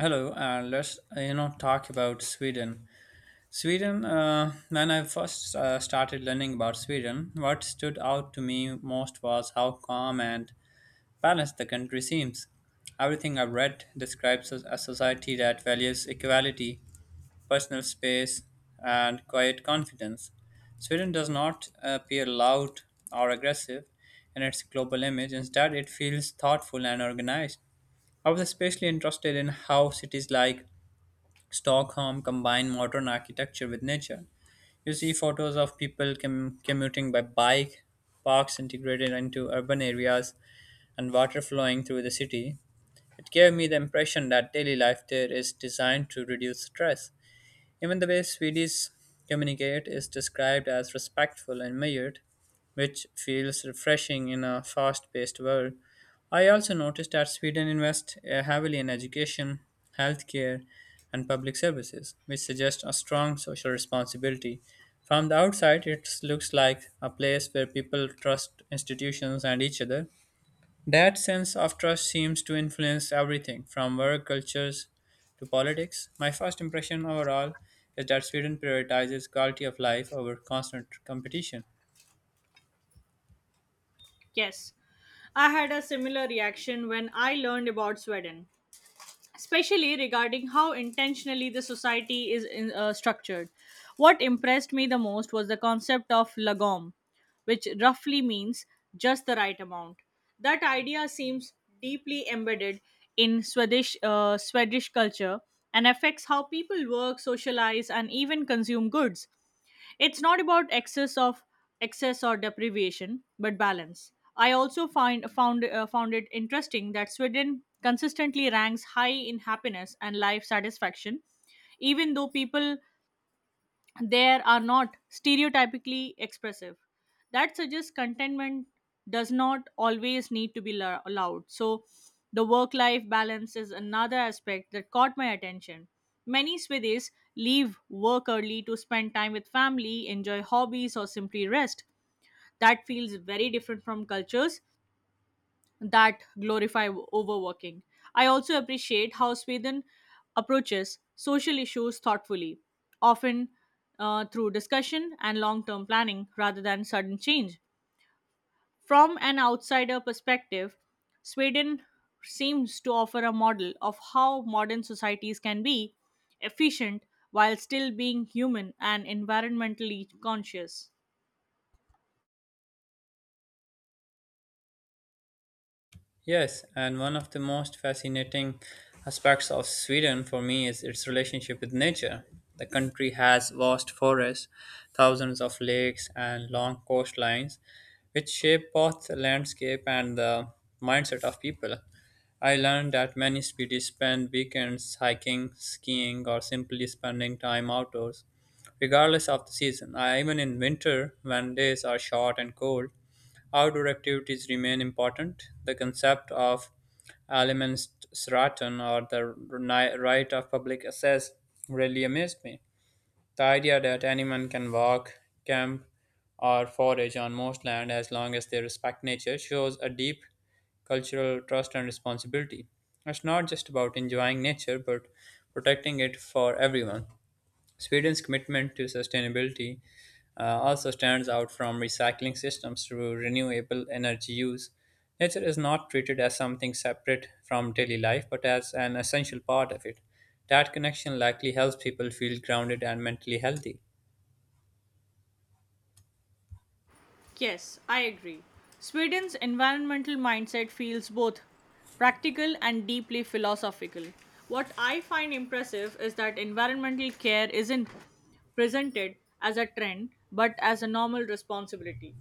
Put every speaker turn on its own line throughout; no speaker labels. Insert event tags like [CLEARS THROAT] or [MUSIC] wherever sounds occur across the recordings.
Let's talk about Sweden. Sweden. When I first started learning about Sweden, what stood out to me most was how calm and balanced the country seems. Everything I've read describes a society that values equality, personal space, and quiet confidence. Sweden does not appear loud or aggressive in its global image. Instead, it feels thoughtful and organized. I was especially interested in how cities like Stockholm combined modern architecture with nature. You see photos of people commuting by bike, parks integrated into urban areas, and water flowing through the city. It gave me the impression that daily life there is designed to reduce stress. Even the way Swedes communicate is described as respectful and measured, which feels refreshing in a fast paced world. I also noticed that Sweden invests heavily in education, healthcare, and public services, which suggests a strong social responsibility. From the outside, it looks like a place where people trust institutions and each other. That sense of trust seems to influence everything from work cultures to politics. My first impression overall is that Sweden prioritizes quality of life over constant competition.
Yes, I had a similar reaction when I learned about Sweden, especially regarding how intentionally the society is structured. What impressed me the most was the concept of lagom, which roughly means just the right amount. That idea seems deeply embedded in Swedish culture and affects how people work, socialize, and even consume goods. It's not about excess or deprivation, but balance. I also find found found it interesting that Sweden consistently ranks high in happiness and life satisfaction, even though people there are not stereotypically expressive. That suggests contentment does not always need to be loud. So, the work life balance is another aspect that caught my attention. Many Swedis leave work early to spend time with family, enjoy hobbies, or simply rest. That feels very different from cultures that glorify overworking. I also appreciate how Sweden approaches social issues thoughtfully, often through discussion and long term planning rather than sudden change. From an outsider perspective, Sweden seems to offer a model of how modern societies can be efficient while still being human and environmentally conscious.
Yes, and one of the most fascinating aspects of Sweden for me is its relationship with nature. The country has vast forests, thousands of lakes, and long coastlines, which shape both the landscape and the mindset of people. I learned that many Swedes spend weekends hiking, skiing, or simply spending time outdoors, regardless of the season. Even in winter, when days are short and cold, outdoor activities remain important. The concept of Allemansraten, or the right of public access, really amazed me. The idea that anyone can walk, camp, or forage on most land as long as they respect nature shows a deep cultural trust and responsibility. It's not just about enjoying nature, but protecting it for everyone. Sweden's commitment to sustainability also stands out, from recycling systems to renewable energy use. Nature is not treated as something separate from daily life, but as an essential part of it. That connection likely helps people feel grounded and mentally healthy.
Yes, I agree. Sweden's environmental mindset feels both practical and deeply philosophical. What I find impressive is that environmental care isn't presented as a trend but as a normal responsibility.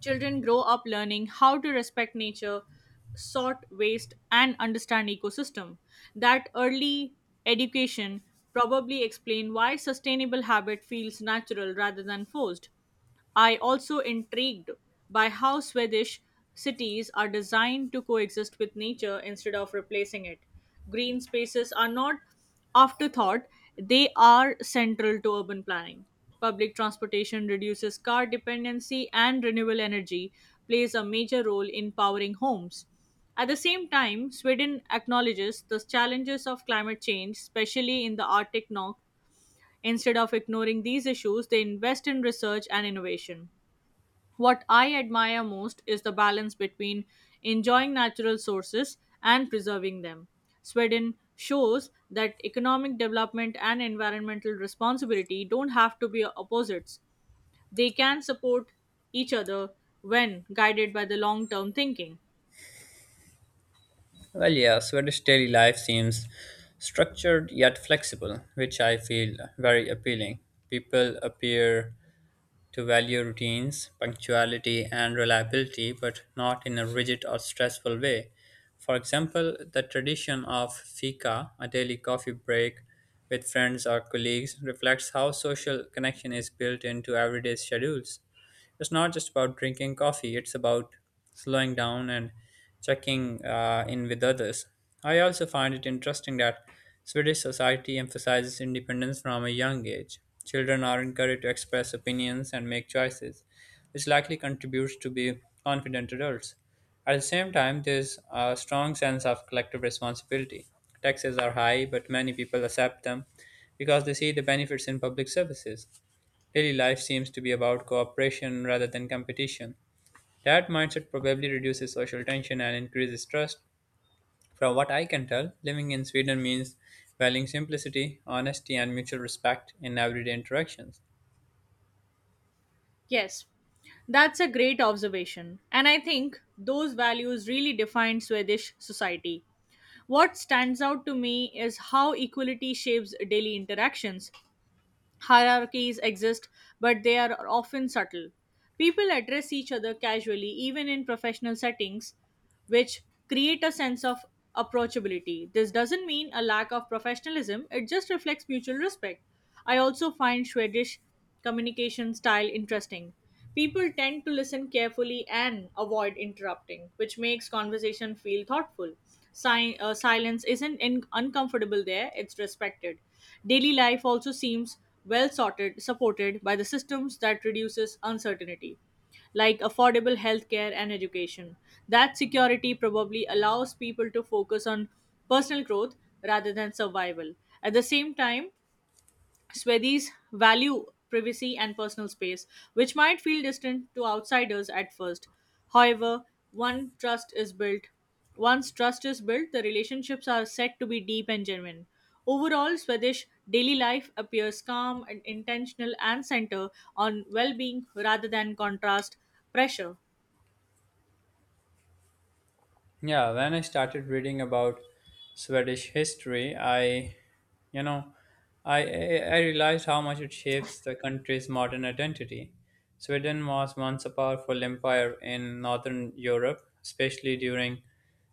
Children grow up learning how to respect nature, sort waste, and understand ecosystem. That early education probably explain why sustainable habit feels natural rather than forced. I also intrigued by how Swedish cities are designed to coexist with nature instead of replacing it. Green spaces are not afterthought, they are central to urban planning. Public transportation reduces car dependency, and renewable energy plays a major role in powering homes. At the same time, Sweden acknowledges the challenges of climate change, especially in the Arctic North. Instead of ignoring these issues, they invest in research and innovation. What I admire most is the balance between enjoying natural sources and preserving them. Sweden shows that economic development and environmental responsibility don't have to be opposites. They can support each other when guided by the long term thinking.
Well, yeah, Swedish daily life seems structured yet flexible, which I feel very appealing. People appear to value routines, punctuality, and reliability, but not in a rigid or stressful way. For example, the tradition of fika, a daily coffee break with friends or colleagues, reflects how social connection is built into everyday schedules. It's not just about drinking coffee, it's about slowing down and checking in with others. I also find it interesting that Swedish society emphasizes independence from a young age. Children are encouraged to express opinions and make choices, which likely contributes to be confident adults. At the same time, there's a strong sense of collective responsibility. Taxes are high, but many people accept them because they see the benefits in public services. Daily life seems to be about cooperation rather than competition. That mindset probably reduces social tension and increases trust. From what I can tell, living in Sweden means valuing simplicity, honesty, and mutual respect in everyday interactions.
Yes, that's a great observation. And I think those values really define Swedish society. What stands out to me is how equality shapes daily interactions. Hierarchies exist, but they are often subtle. People address each other casually, even in professional settings, which create a sense of approachability. This doesn't mean a lack of professionalism, it just reflects mutual respect. I also find Swedish communication style interesting. People tend to listen carefully and avoid interrupting, which makes conversation feel thoughtful. Silence isn't uncomfortable there, it's respected. Daily life also seems well sorted, supported by the systems that reduces uncertainty like affordable healthcare and education. That security probably allows people to focus on personal growth rather than survival. At the same time, Swedis value privacy and personal space, which might feel distant to outsiders at first. However, one trust is built. Once trust is built, the relationships are said to be deep and genuine. Overall, Swedish daily life appears calm and intentional and center on well-being rather than contrast pressure.
Yeah, when I started reading about Swedish history, I, you know, I realized how much it shapes the country's modern identity. Sweden was once a powerful empire in northern Europe, especially during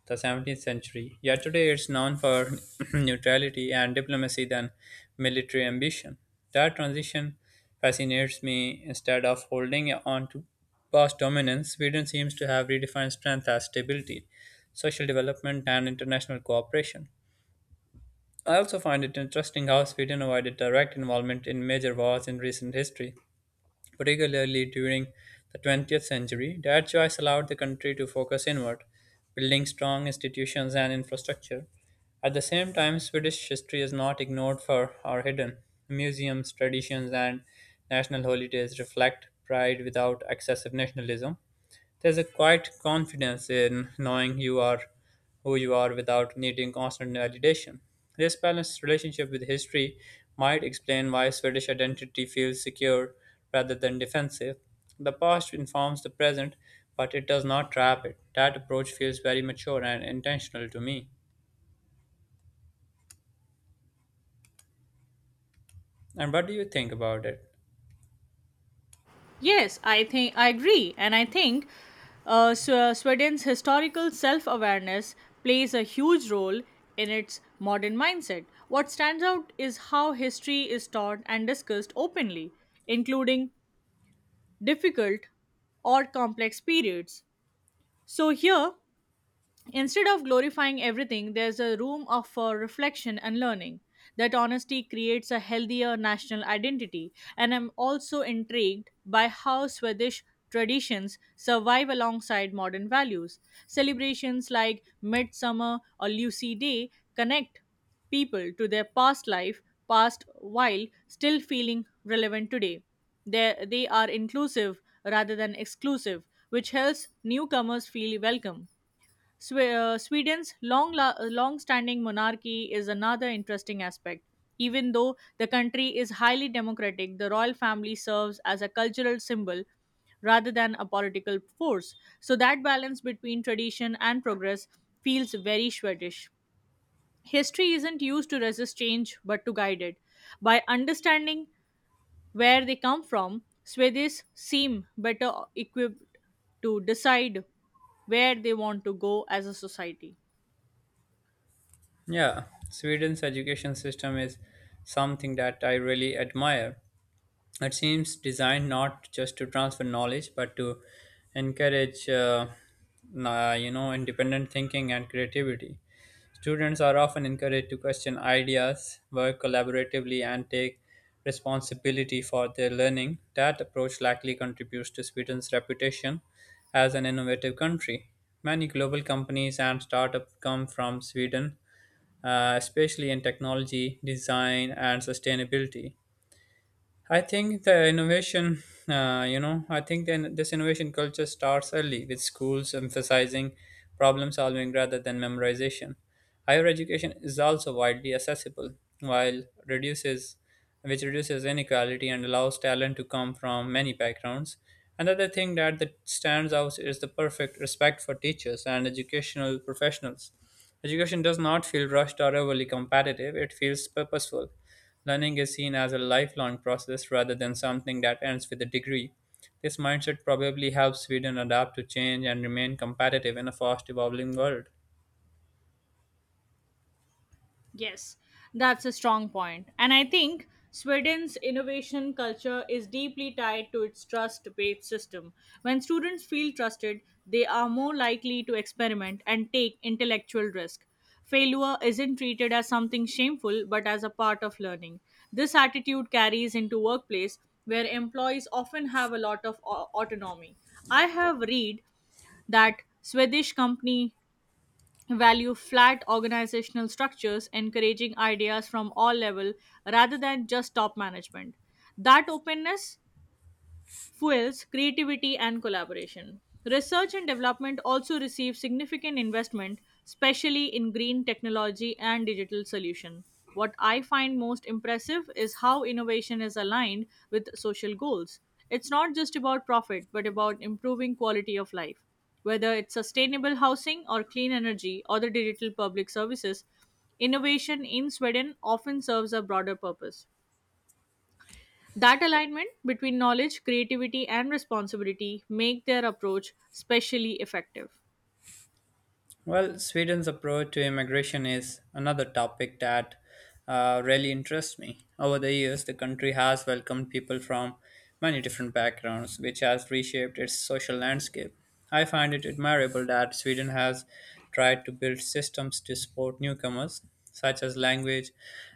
the 17th century. Yet today it's known for [CLEARS THROAT] neutrality and diplomacy than military ambition. That transition fascinates me. Instead of holding on to past dominance, Sweden seems to have redefined strength as stability, social development, and international cooperation. I also find it interesting how Sweden avoided direct involvement in major wars in recent history, particularly during the 20th century. That choice allowed the country to focus inward, building strong institutions and infrastructure. At the same time, Swedish history is not ignored for or hidden. Museums, traditions, and national holidays reflect pride without excessive nationalism. There's a quiet confidence in knowing you are who you are without needing constant validation. This balanced relationship with history might explain why Swedish identity feels secure rather than defensive. The past informs the present, but it does not trap it. That approach feels very mature and intentional to me. And what do you think about it?
Yes, I think I agree, and I think Sweden's historical self-awareness plays a huge role in its modern mindset. What stands out is how history is taught and discussed openly, including difficult or complex periods. So here, instead of glorifying everything, there's for reflection and learning. That honesty creates a healthier national identity, and I'm also intrigued by how Swedish traditions survive alongside modern values. Celebrations like Midsummer or Lucy Day connect people to their past while still feeling relevant today. They are inclusive rather than exclusive, which helps newcomers feel welcome. Sweden's long standing monarchy is another interesting aspect. Even though the country is highly democratic, the royal family serves as a cultural symbol rather than a political force. So that balance between tradition and progress feels very Swedish. History isn't used to resist change but to guide it. By understanding where they come from, Swedes seem better equipped to decide where they want to go as a society.
Yeah, Sweden's education system is something that I really admire. It seems designed not just to transfer knowledge, but to encourage, independent thinking and creativity. Students are often encouraged to question ideas, work collaboratively, and take responsibility for their learning. That approach likely contributes to Sweden's reputation as an innovative country. Many global companies and startups come from Sweden, especially in technology, design, and sustainability. I think the innovation, you know, I think then this innovation culture starts early, with schools emphasizing problem solving rather than memorization. Higher education is also widely accessible, while reduces, which reduces inequality and allows talent to come from many backgrounds. Another thing that stands out is the perfect respect for teachers and educational professionals. Education does not feel rushed or overly competitive; it feels purposeful. Learning is seen as a lifelong process rather than something that ends with a degree. This mindset probably helps Sweden adapt to change and remain competitive in a fast evolving world.
Yes, that's a strong point. And I think Sweden's innovation culture is deeply tied to its trust based system. When students feel trusted, they are more likely to experiment and take intellectual risk. Failure isn't treated as something shameful but as a part of learning. This attitude carries into workplace where employees often have a lot of autonomy. I have read that Swedish company value flat organizational structures encouraging ideas from all level rather than just top management, that openness fuels creativity and collaboration. Research and development also receive significant investment, especially in green technology and digital solution. What I find most impressive is how innovation is aligned with social goals. It's not just about profit, but about improving quality of life. Whether it's sustainable housing or clean energy or the digital public services, innovation in Sweden often serves a broader purpose. That alignment between knowledge, creativity, and responsibility make their approach specially effective.
Well, Sweden's approach to immigration is another topic that really interests me. Over the years, the country has welcomed people from many different backgrounds, which has reshaped its social landscape. I find it admirable that Sweden has tried to build systems to support newcomers, such as language,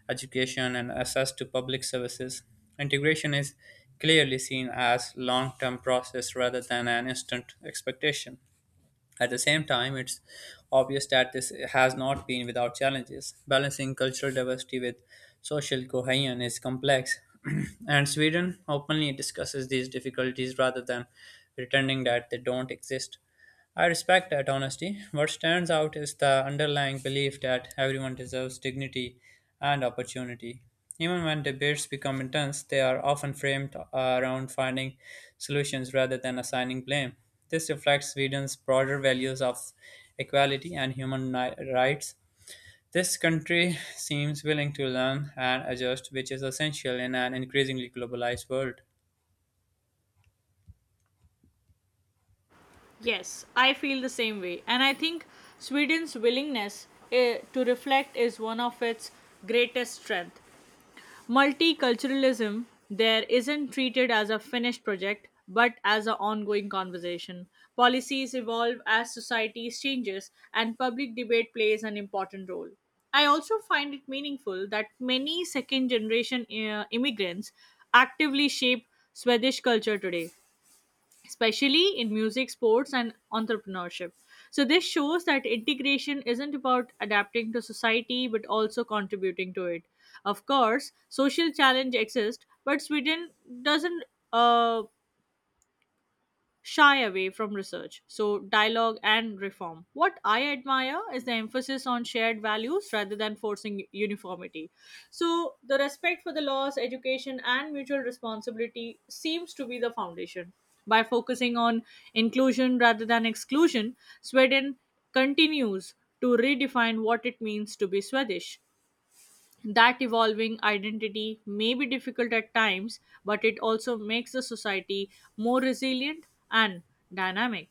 education, and access to public services. Integration is clearly seen as long-term process rather than an instant expectation. At the same time, it's obvious that this has not been without challenges. Balancing cultural diversity with social cohesion is complex, [CLEARS THROAT] and Sweden openly discusses these difficulties rather than pretending that they don't exist. I respect that honesty. What stands out is the underlying belief that everyone deserves dignity and opportunity. Even when debates become intense, they are often framed around finding solutions rather than assigning blame. This reflects Sweden's broader values of equality and human rights. This country seems willing to learn and adjust, which is essential in an increasingly globalized world.
Yes, I feel the same way. And I think Sweden's willingness to reflect is one of its greatest strength. Multiculturalism there isn't treated as a finished project but as an ongoing conversation. Policies evolve as societies changes and public debate plays an important role. I also find it meaningful that many second generation immigrants actively shape Swedish culture today, especially in music, sports, and entrepreneurship. So, this shows that integration isn't about adapting to society but also contributing to it. Of course, social challenge exists, but Sweden doesn't. Uh, Shy away from research. So, dialogue and reform. What I admire is the emphasis on shared values rather than forcing uniformity. So, the respect for the laws, education, and mutual responsibility seems to be the foundation. By focusing on inclusion rather than exclusion, Sweden continues to redefine what it means to be Swedish. That evolving identity may be difficult at times, but it also makes the society more resilient and dynamic.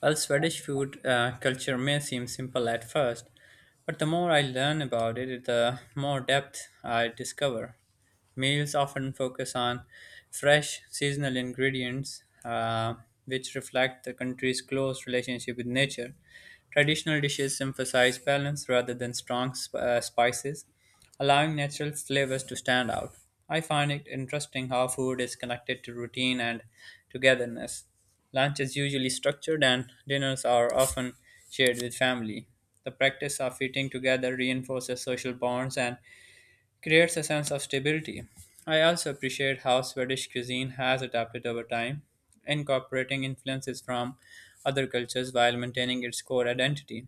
While Swedish food culture may seem simple at first, but the more I learn about it, the more depth I discover. Meals often focus on fresh, seasonal ingredients, which reflect the country's close relationship with nature. Traditional dishes emphasize balance rather than strong spices, allowing natural flavors to stand out. I find it interesting how food is connected to routine and togetherness. Lunch is usually structured and dinners are often shared with family. The practice of eating together reinforces social bonds and creates a sense of stability. I also appreciate how Swedish cuisine has adapted over time, incorporating influences from other cultures while maintaining its core identity.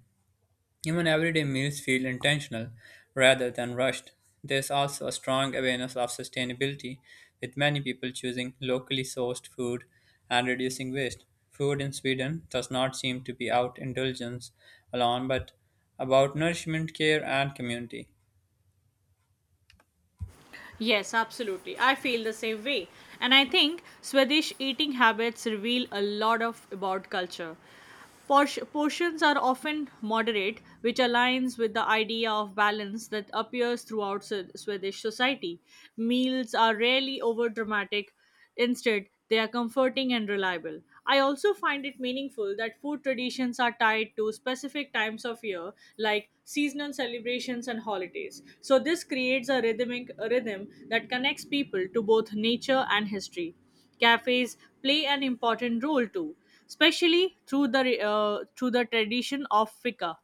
Even everyday meals feel intentional rather than rushed. There's also a strong awareness of sustainability, with many people choosing locally sourced food and reducing waste. Food in Sweden does not seem to be out indulgence alone, but about nourishment, care, and community.
Yes, absolutely. I feel the same way. And I think Swedish eating habits reveal a lot of about culture. Por- Portions are often moderate, which aligns with the idea of balance that appears throughout Swedish society. Meals are rarely over dramatic, instead, they are comforting and reliable. I also find it meaningful that food traditions are tied to specific times of year, like seasonal celebrations and holidays. So, this creates a rhythm that connects people to both nature and history. Cafes play an important role too, especially through the tradition of fika.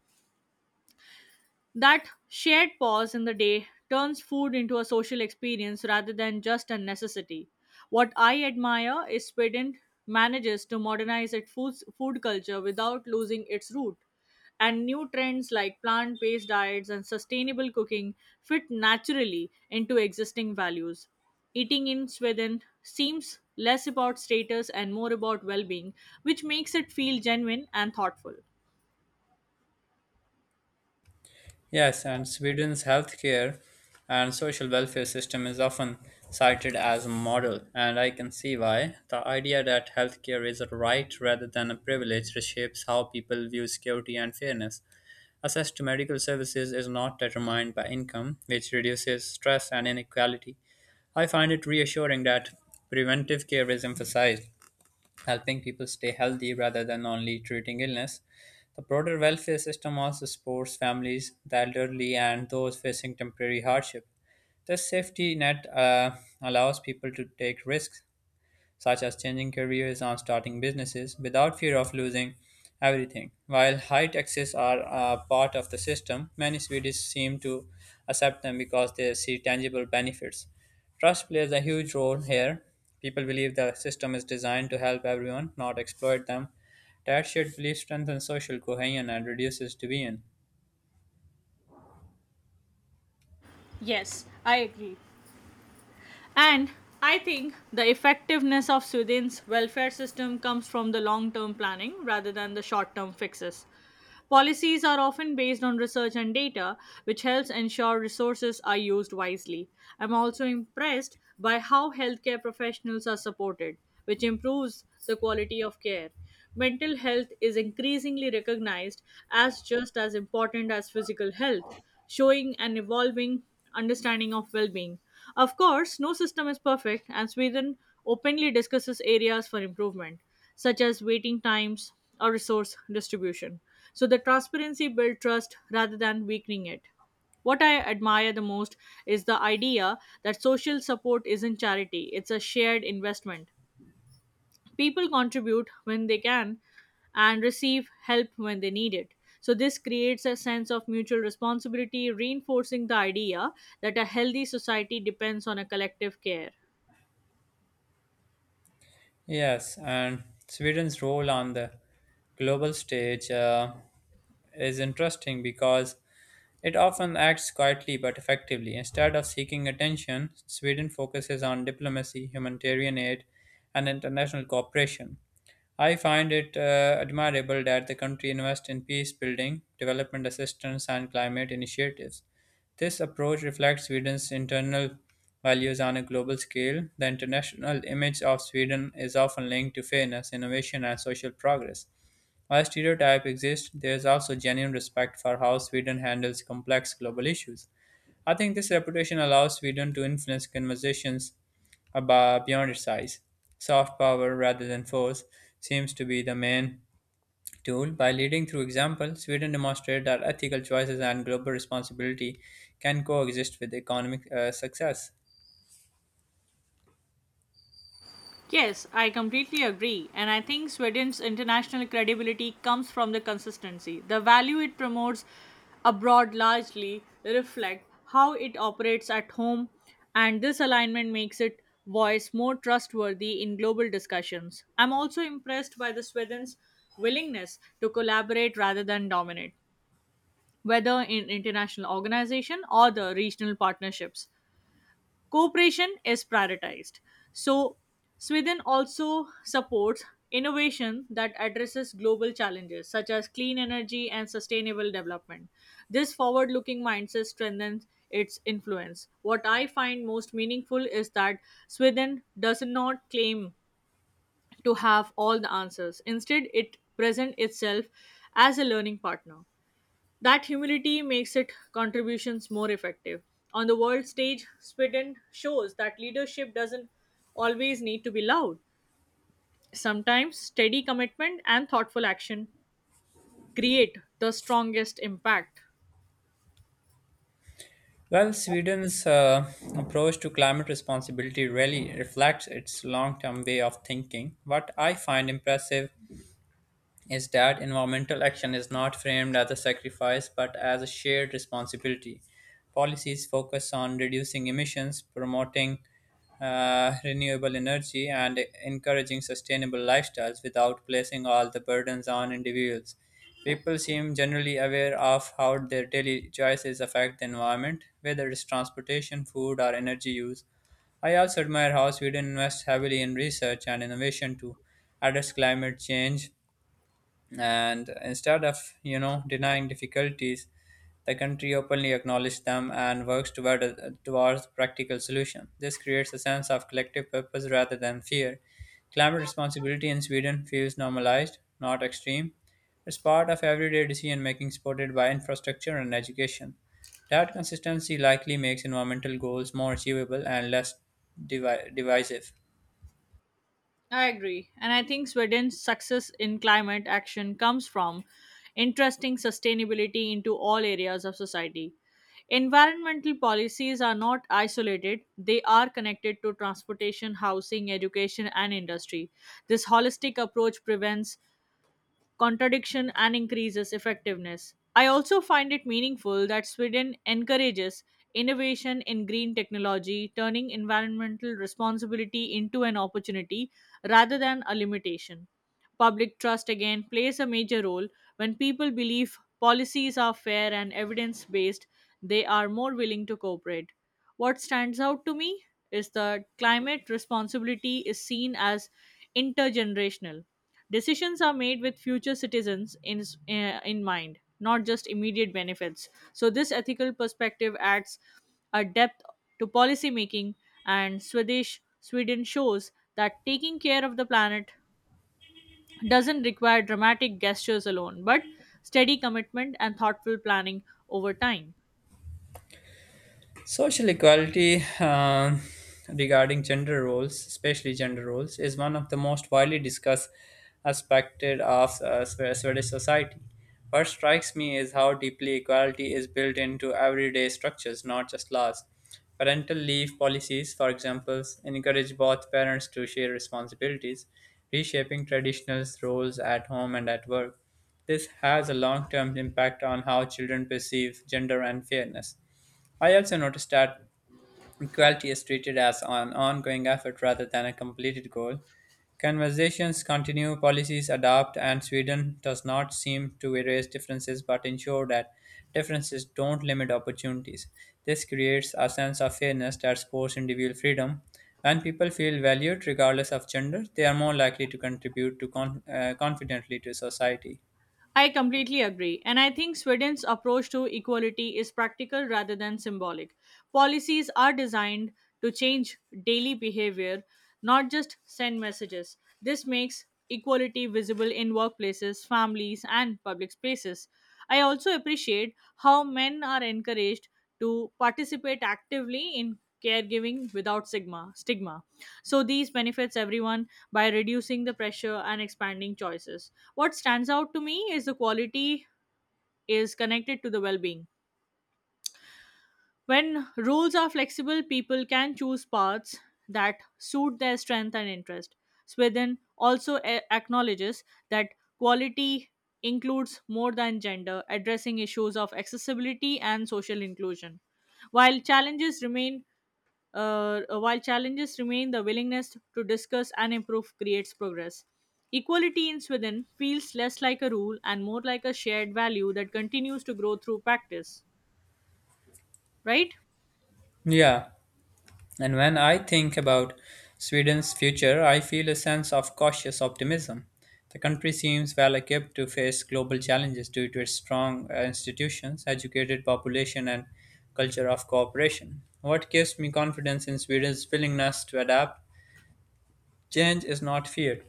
That shared pause in the day turns food into a social experience rather than just a necessity. What I admire is Sweden manages to modernize its food culture without losing its root. And new trends like plant based diets and sustainable cooking fit naturally into existing values. Eating in Sweden seems less about status and more about well being, which makes it feel genuine and thoughtful.
Yes, and Sweden's healthcare and social welfare system is often cited as a model, and I can see why. The idea that healthcare is a right rather than a privilege reshapes how people view security and fairness. Access to medical services is not determined by income, which reduces stress and inequality. I find it reassuring that preventive care is emphasized, helping people stay healthy rather than only treating illness. The broader welfare system also supports families, the elderly, and those facing temporary hardship. This safety net allows people to take risks such as changing careers and starting businesses, without fear of losing everything. While high taxes are a part of the system, many Swedes seem to accept them because they see tangible benefits. Trust plays a huge role here. People believe the system is designed to help everyone, not exploit them. That shared belief strengthens social cohesion and reduces division.
Yes, I agree. And I think the effectiveness of Sweden's welfare system comes from the long term planning rather than the short term fixes. Policies are often based on research and data, which helps ensure resources are used wisely. I'm also impressed by how healthcare professionals are supported, which improves the quality of care. Mental health is increasingly recognized as just as important as physical health, showing an evolving understanding of well being. Of course, no system is perfect, and Sweden openly discusses areas for improvement, such as waiting times or resource distribution. So, the transparency builds trust rather than weakening it. What I admire the most is the idea that social support isn't charity, it's a shared investment. People contribute when they can and receive help when they need it. So, this creates a sense of mutual responsibility, reinforcing the idea that a healthy society depends on a collective care.
Yes, and Sweden's role on the global stage is interesting because it often acts quietly but effectively. Instead of seeking attention, Sweden focuses on diplomacy, humanitarian aid, and international cooperation. I find it admirable that the country invests in peace building, development assistance, and climate initiatives. This approach reflects Sweden's internal values on a global scale. The international image of Sweden is often linked to fairness, innovation, and social progress. While stereotypes exist, there is also genuine respect for how Sweden handles complex global issues. I think this reputation allows Sweden to influence conversations about beyond its size. Soft power rather than force seems to be the main tool. By leading through example, Sweden demonstrated that ethical choices and global responsibility can coexist with economic success.
Yes, I completely agree. And I think Sweden's international credibility comes from the consistency. The value it promotes abroad largely reflect how it operates at home, and this alignment makes it voice more trustworthy in global discussions. I'm also impressed by the Sweden's willingness to collaborate rather than dominate, whether in international organization or the regional partnerships. Cooperation is prioritized. So, Sweden also supports innovation that addresses global challenges such as clean energy and sustainable development. This forward looking mindset strengthens its influence. What I find most meaningful is that Sweden does not claim to have all the answers. Instead, it presents itself as a learning partner. That humility makes its contributions more effective. On the world stage, Sweden shows that leadership doesn't always need to be loud. Sometimes steady commitment and thoughtful action create the strongest impact.
Well, Sweden's approach to climate responsibility really reflects its long term way of thinking. What I find impressive is that environmental action is not framed as a sacrifice but as a shared responsibility. Policies focus on reducing emissions, promoting renewable energy, and encouraging sustainable lifestyles without placing all the burdens on individuals. People seem generally aware of how their daily choices affect the environment, whether it's transportation, food, or energy use. I also admire how Sweden invests heavily in research and innovation to address climate change, and instead of denying difficulties, the country openly acknowledges them and works towards practical solution. This creates a sense of collective purpose rather than fear. Climate responsibility in Sweden feels normalized, not extreme. It's part of everyday decision making, supported by infrastructure and education. That consistency likely makes environmental goals more achievable and less divisive.
I agree. And I think Sweden's success in climate action comes from interesting sustainability into all areas of society. Environmental policies are not isolated, they are connected to transportation, housing, education, and industry. This holistic approach prevents contradiction and increases effectiveness. I also find it meaningful that Sweden encourages innovation in green technology, turning environmental responsibility into an opportunity rather than a limitation. Public trust again plays a major role when people believe policies are fair and evidence based, they are more willing to cooperate. What stands out to me is that climate responsibility is seen as intergenerational. Decisions are made with future citizens in mind, not just immediate benefits. So, this ethical perspective adds a depth to policy making, and Swedish Sweden shows that taking care of the planet doesn't require dramatic gestures alone, but steady commitment and thoughtful planning over time.
Social equality regarding gender roles, especially gender roles, is one of the most widely discussed aspects of Swedish society. What strikes me is how deeply equality is built into everyday structures, not just laws. Parental leave policies, for example, encourage both parents to share responsibilities, reshaping traditional roles at home and at work. This has a long term impact on how children perceive gender and fairness. I also noticed that equality is treated as an ongoing effort rather than a completed goal. Conversations continue, policies adapt, and Sweden does not seem to erase differences but ensure that differences don't limit opportunities. This creates a sense of fairness that supports individual freedom. When people feel valued regardless of gender, they are more likely to contribute to confidently to society.
I completely agree. And I think Sweden's approach to equality is practical rather than symbolic. Policies are designed to change daily behavior, not just send messages. This makes equality visible in workplaces, families, and public spaces. I also appreciate how men are encouraged to participate actively in caregiving without stigma, so these benefits everyone by reducing the pressure and expanding choices. What stands out to me is the quality is connected to the well being. When rules are flexible, people can choose paths that suit their strength and interest. Sweden also acknowledges that quality includes more than gender, addressing issues of accessibility and social inclusion. While challenges remain, while challenges remain, the willingness to discuss and improve creates progress. Equality in Sweden feels less like a rule and more like a shared value that continues to grow through practice, right?
Yeah, and when I think about Sweden's future, I feel a sense of cautious optimism. The country seems well equipped to face global challenges due to its strong institutions, educated population, and culture of cooperation. What gives me confidence in Sweden's willingness to adapt? Change is not feared.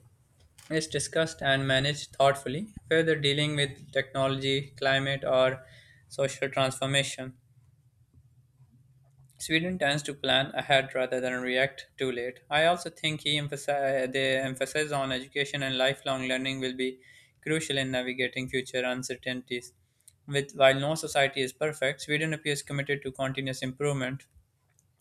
It's discussed and managed thoughtfully, whether dealing with technology, climate, or social transformation. Sweden tends to plan ahead rather than react too late. I also think the emphasis on education and lifelong learning will be crucial in navigating future uncertainties. While no society is perfect, Sweden appears committed to continuous improvement.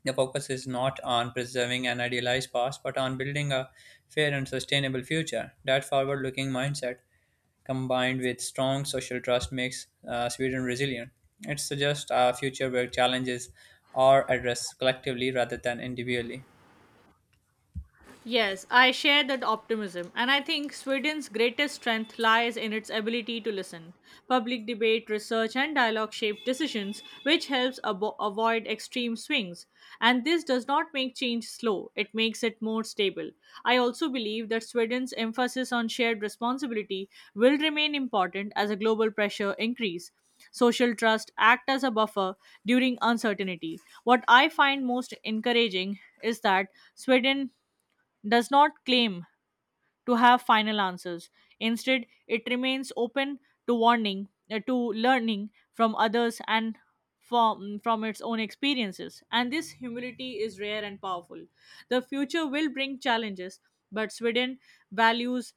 The focus is not on preserving an idealized past, but on building a fair and sustainable future. That forward looking mindset, combined with strong social trust, makes Sweden resilient. It suggests a future where challenges are addressed collectively rather than individually.
Yes, I share that optimism, and I think Sweden's greatest strength lies in its ability to listen. Public debate, research, and dialogue shape decisions, which helps avoid extreme swings. And this does not make change slow, it makes it more stable. I also believe that Sweden's emphasis on shared responsibility will remain important as a global pressure increase social trust act as a buffer during uncertainty. What I find most encouraging is that Sweden does not claim to have final answers. Instead, it remains open to to learning from others and from its own experiences. And this humility is rare and powerful. The future will bring challenges, but Sweden values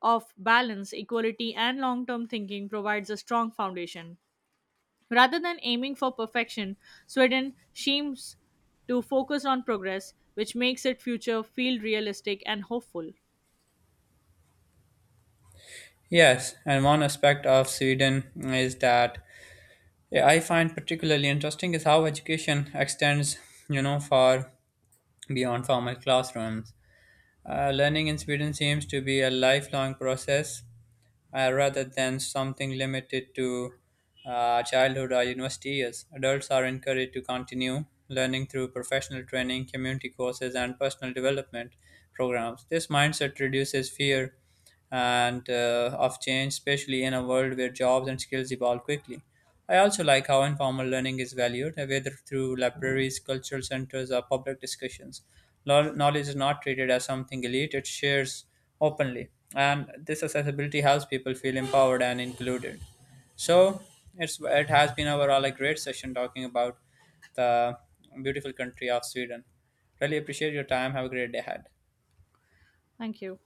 of balance, equality, and long term thinking provides a strong foundation. Rather than aiming for perfection, Sweden seems to focus on progress, which makes its future feel realistic and hopeful.
Yes, and one aspect of Sweden is that I find particularly interesting is how education extends, you know, far beyond formal classrooms. Learning in Sweden seems to be a lifelong process, rather than something limited to childhood or university years. Adults are encouraged to continue learning through professional training, community courses, and personal development programs. This mindset reduces fear and of change, especially in a world where jobs and skills evolve quickly. I also like how informal learning is valued, whether through libraries, cultural centers, or public discussions. Knowledge is not treated as something elite, it shares openly. And this accessibility helps people feel empowered and included. So it has been overall a great session talking about the beautiful country of Sweden. Really appreciate your time. Have a great day ahead.
Thank you.